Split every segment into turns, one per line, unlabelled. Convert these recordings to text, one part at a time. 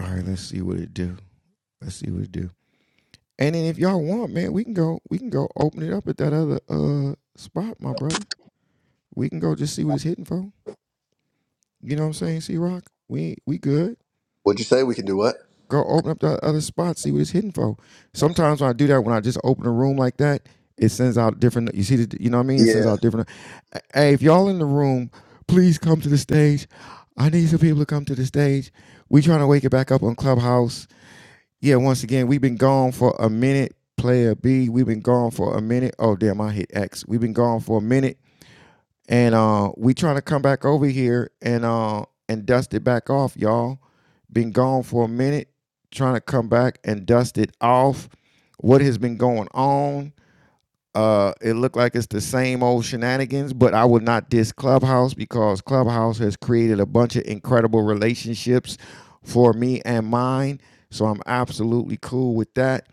All right, let's see what it do. Let's see what it do. And then if y'all want, man, we can go. We can go open it up at that other uh spot, my brother. We can go just see what it's hitting for. You know what I'm saying? c Rock, we we good.
What'd you say? We can do what?
Go open up that other spot, see what it's hitting for. Sometimes when I do that, when I just open a room like that, it sends out different. You see, the, you know what I mean? It sends
Yeah,
out different. Hey, if y'all in the room, please come to the stage. I need some people to come to the stage. We trying to wake it back up on Clubhouse. yeah, once again, we've been gone for a minute. Player B, we've been gone for a minute. Oh damn, I hit X. We've been gone for a minute, and uh, we trying to come back over here and uh, and dust it back off, y'all. Been gone for a minute, trying to come back and dust it off. What has been going on? Uh, it looked like it's the same old shenanigans, but I would not diss Clubhouse because Clubhouse has created a bunch of incredible relationships for me and mine. So I'm absolutely cool with that.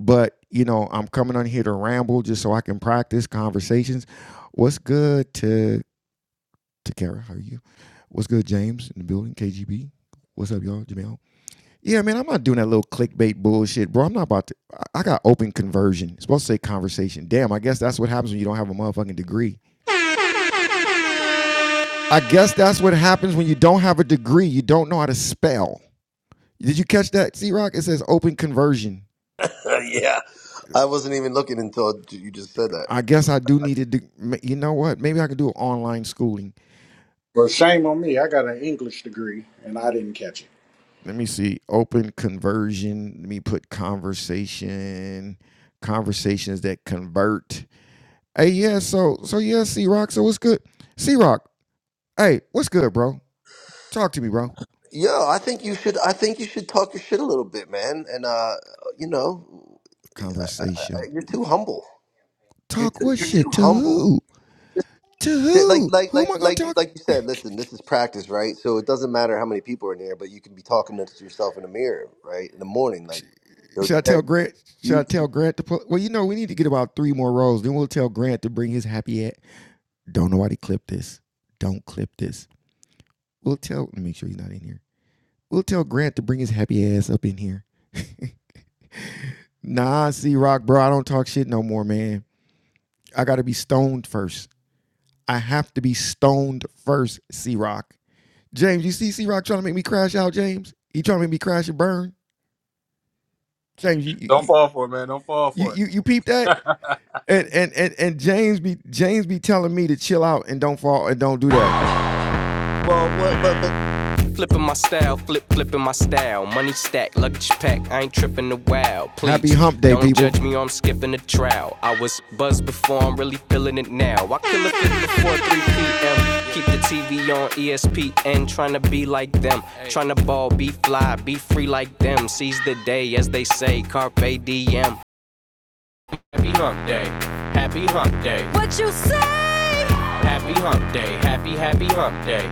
But you know, I'm coming on here to ramble just so I can practice conversations. What's good to to Kara? How are you? What's good, James in the building? KGB. What's up, y'all? Jamel. Yeah, man, I'm not doing that little clickbait bullshit, bro. I'm not about to. I- I got open conversion. It's supposed to say conversation. Damn, I guess that's what happens when you don't have a motherfucking degree. I guess that's what happens when you don't have a degree. You don't know how to spell. Did you catch that, C Rock? It says open conversion.
yeah. I wasn't even looking until you just said that.
I guess I do need to. do- You know what? Maybe I can do online schooling.
Well, shame on me. I got an English degree and I didn't catch it.
Let me see. Open conversion. Let me put conversation. Conversations that convert. Hey, yeah. So, so yeah, C Rock. So what's good? C Rock. Hey, what's good, bro? Talk to me, bro.
Yo, I think you should. I think you should talk your shit a little bit, man. And uh, you know, I, I,
Conversation.
I- you're too humble. You're
Talk
too,
what
you're
shit?
too
To
humble.
who?
Just
To
just like
who?
like
Who
like
am I gonna
like
talk?
like you said. Listen, this is practice, right? So it doesn't matter how many people are in here, but you can be talking to yourself in the mirror, right? In the morning,
Sh-
like, yo,
Should I
Jerry,
tell Grant? Should I
you.
tell Grant to pull? Well, you know, we need to get about three more rolls. Then we'll tell Grant to bring his happy hat. Don't nobody clip this. Don't clip this. We'll tell. Let me make sure he's not in here. We'll tell Grant to bring his happy ass up in here. nah, C Rock, bro. I don't talk shit no more, man. I gotta be stoned first. I have to be stoned first, C Rock. James, you see C Rock trying to make me crash out, James? He trying to make me crash and burn. James, you you
Don't
you
fall for it, man. Don't fall
you
for
you, you peep that?
it.
And and and and James be James be telling me to chill out and don't fall and don't do that.
Well, what, but but
Flipping my style, flip, flipping my style. Money stack, luggage pack, I ain't tripping the wow. Please, Happy hump day, don't people. Don't judge me or I'm skipping the trial. I was buzzed before, I'm really feeling it now. I kill a fit before 3 p.m. Keep the TV on ESPN, trying to be like them. Trying to ball, be fly, be free like them. Seize the day, as they say, carpe diem. Happy hump day. Happy hump day. What you say? Happy hump day. Happy, happy hump day.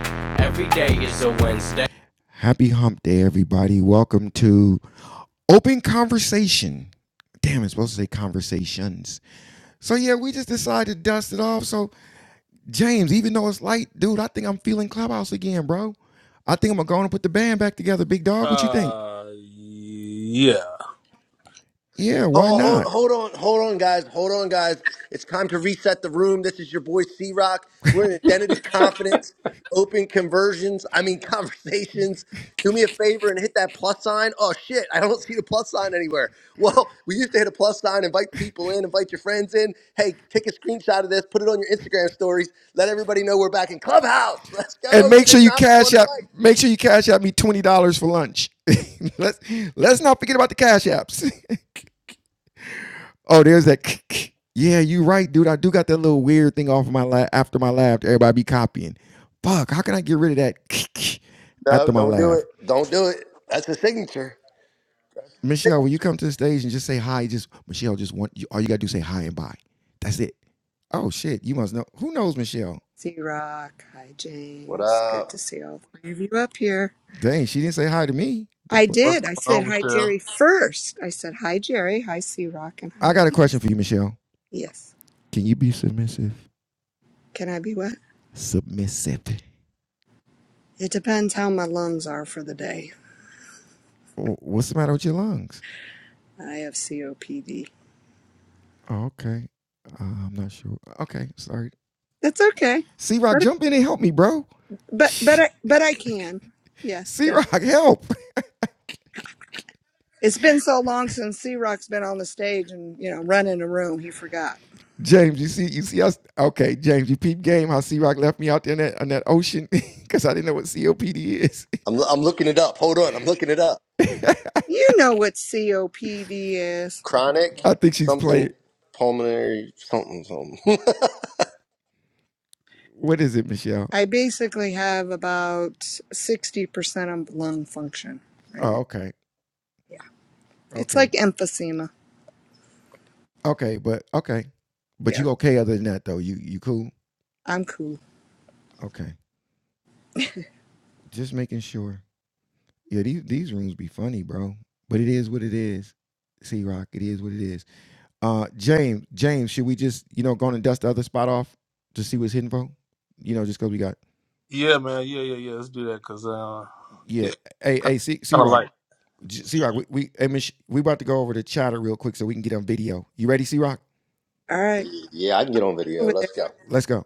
Every day is a Wednesday. Happy hump day, everybody. Welcome to Open Conversation. Damn, it's supposed to say conversations. So, yeah, we just decided to dust it off. So, James, even though it's light, dude, I think I'm feeling Clubhouse again, bro. I think I'm going to go on and put the band back together, big dog. What you think?
uh, yeah.
Yeah, why
Hold, hold,
not?
hold on, hold on, guys. Hold on, guys. It's time to reset the room. This is your boy C Rock. We're in identity confidence, open conversions, I mean, conversations. Do me a favor and hit that plus sign. Oh, shit, I don't see the plus sign anywhere. Well, we used to hit a plus sign, invite people in, invite your friends in. Hey, take a screenshot of this, put it on your Instagram stories. Let everybody know we're back in Clubhouse. Let's
and
go,
make sure
Jerry
you
Malcolm on
cash
the
out.
mic.
Make sure you cash out me twenty dollars for lunch. let's let's not forget about the cash apps. oh, there's that. yeah, you right, dude. I do got that little weird thing off of my lab after my lab. Everybody be copying. Fuck, how can I get rid of that
No,
after my
don't do
laugh?
it. Don't do it. That's the signature.
Michelle, when you come to the stage and just say hi, just Michelle, just want you, all you gotta do is say hi and bye. That's it. Oh shit, you must know. Who knows Michelle?
Z Rock. Hi,
What
James.
up?
Good to see all three of you up here.
Dang, she didn't say hi to me.
I
What's
did.
going
I said
on,
hi,
Michelle?
Jerry, first. I said hi, Jerry. Hi, C Rock. And
I
hi,
got a
James.
question for you, Michelle.
Yes.
Can you be submissive?
Can I be wet?
Submissive.
It depends how my lungs are for the day.
What's the matter with your lungs?
I have COPD.
Oh, okay. Uh, I'm not sure. Okay, sorry.
That's okay.
C Rock,
But,
jump in and help me, bro.
but, but, I,
C
but I can. Yes, definitely.
Rock, help.
It's been so long since C Rock's been on the stage and, you know, running a room. He forgot.
James, you see, you see us. Okay, James, you peep game how C Rock left me out there in that, in that ocean because I didn't know what COPD is.
I'm I'm looking it up. Hold on, I'm looking it up.
You know what COPD is.
Chronic
I think she's playing.
something pulmonary something something.
What is it, Michelle?
I basically have about 60% of lung function right
Oh,
now.
okay,
Yeah. It's
okay,
like emphysema.
okay, but okay, but
Yeah.
you okay other than that though? You you cool?
I'm cool.
Okay, just making sure. Yeah, these these rooms be funny, bro. But it is what it is. C Rock, it is what it is. Uh, James, James, should we just you know go on and dust the other spot off to see what's hidden for? You know, just because we got
Yeah, man. Yeah, yeah, yeah. Let's do that, cause uh, yeah,
yeah. Hey, hey, C C
kind of like.
Rock, C Rock, we we hey, Mich- we about to go over to chatter real quick so we can get on video. You ready, C Rock?
All right.
yeah, I can get on video.
Over there.
Let's go.
Let's go.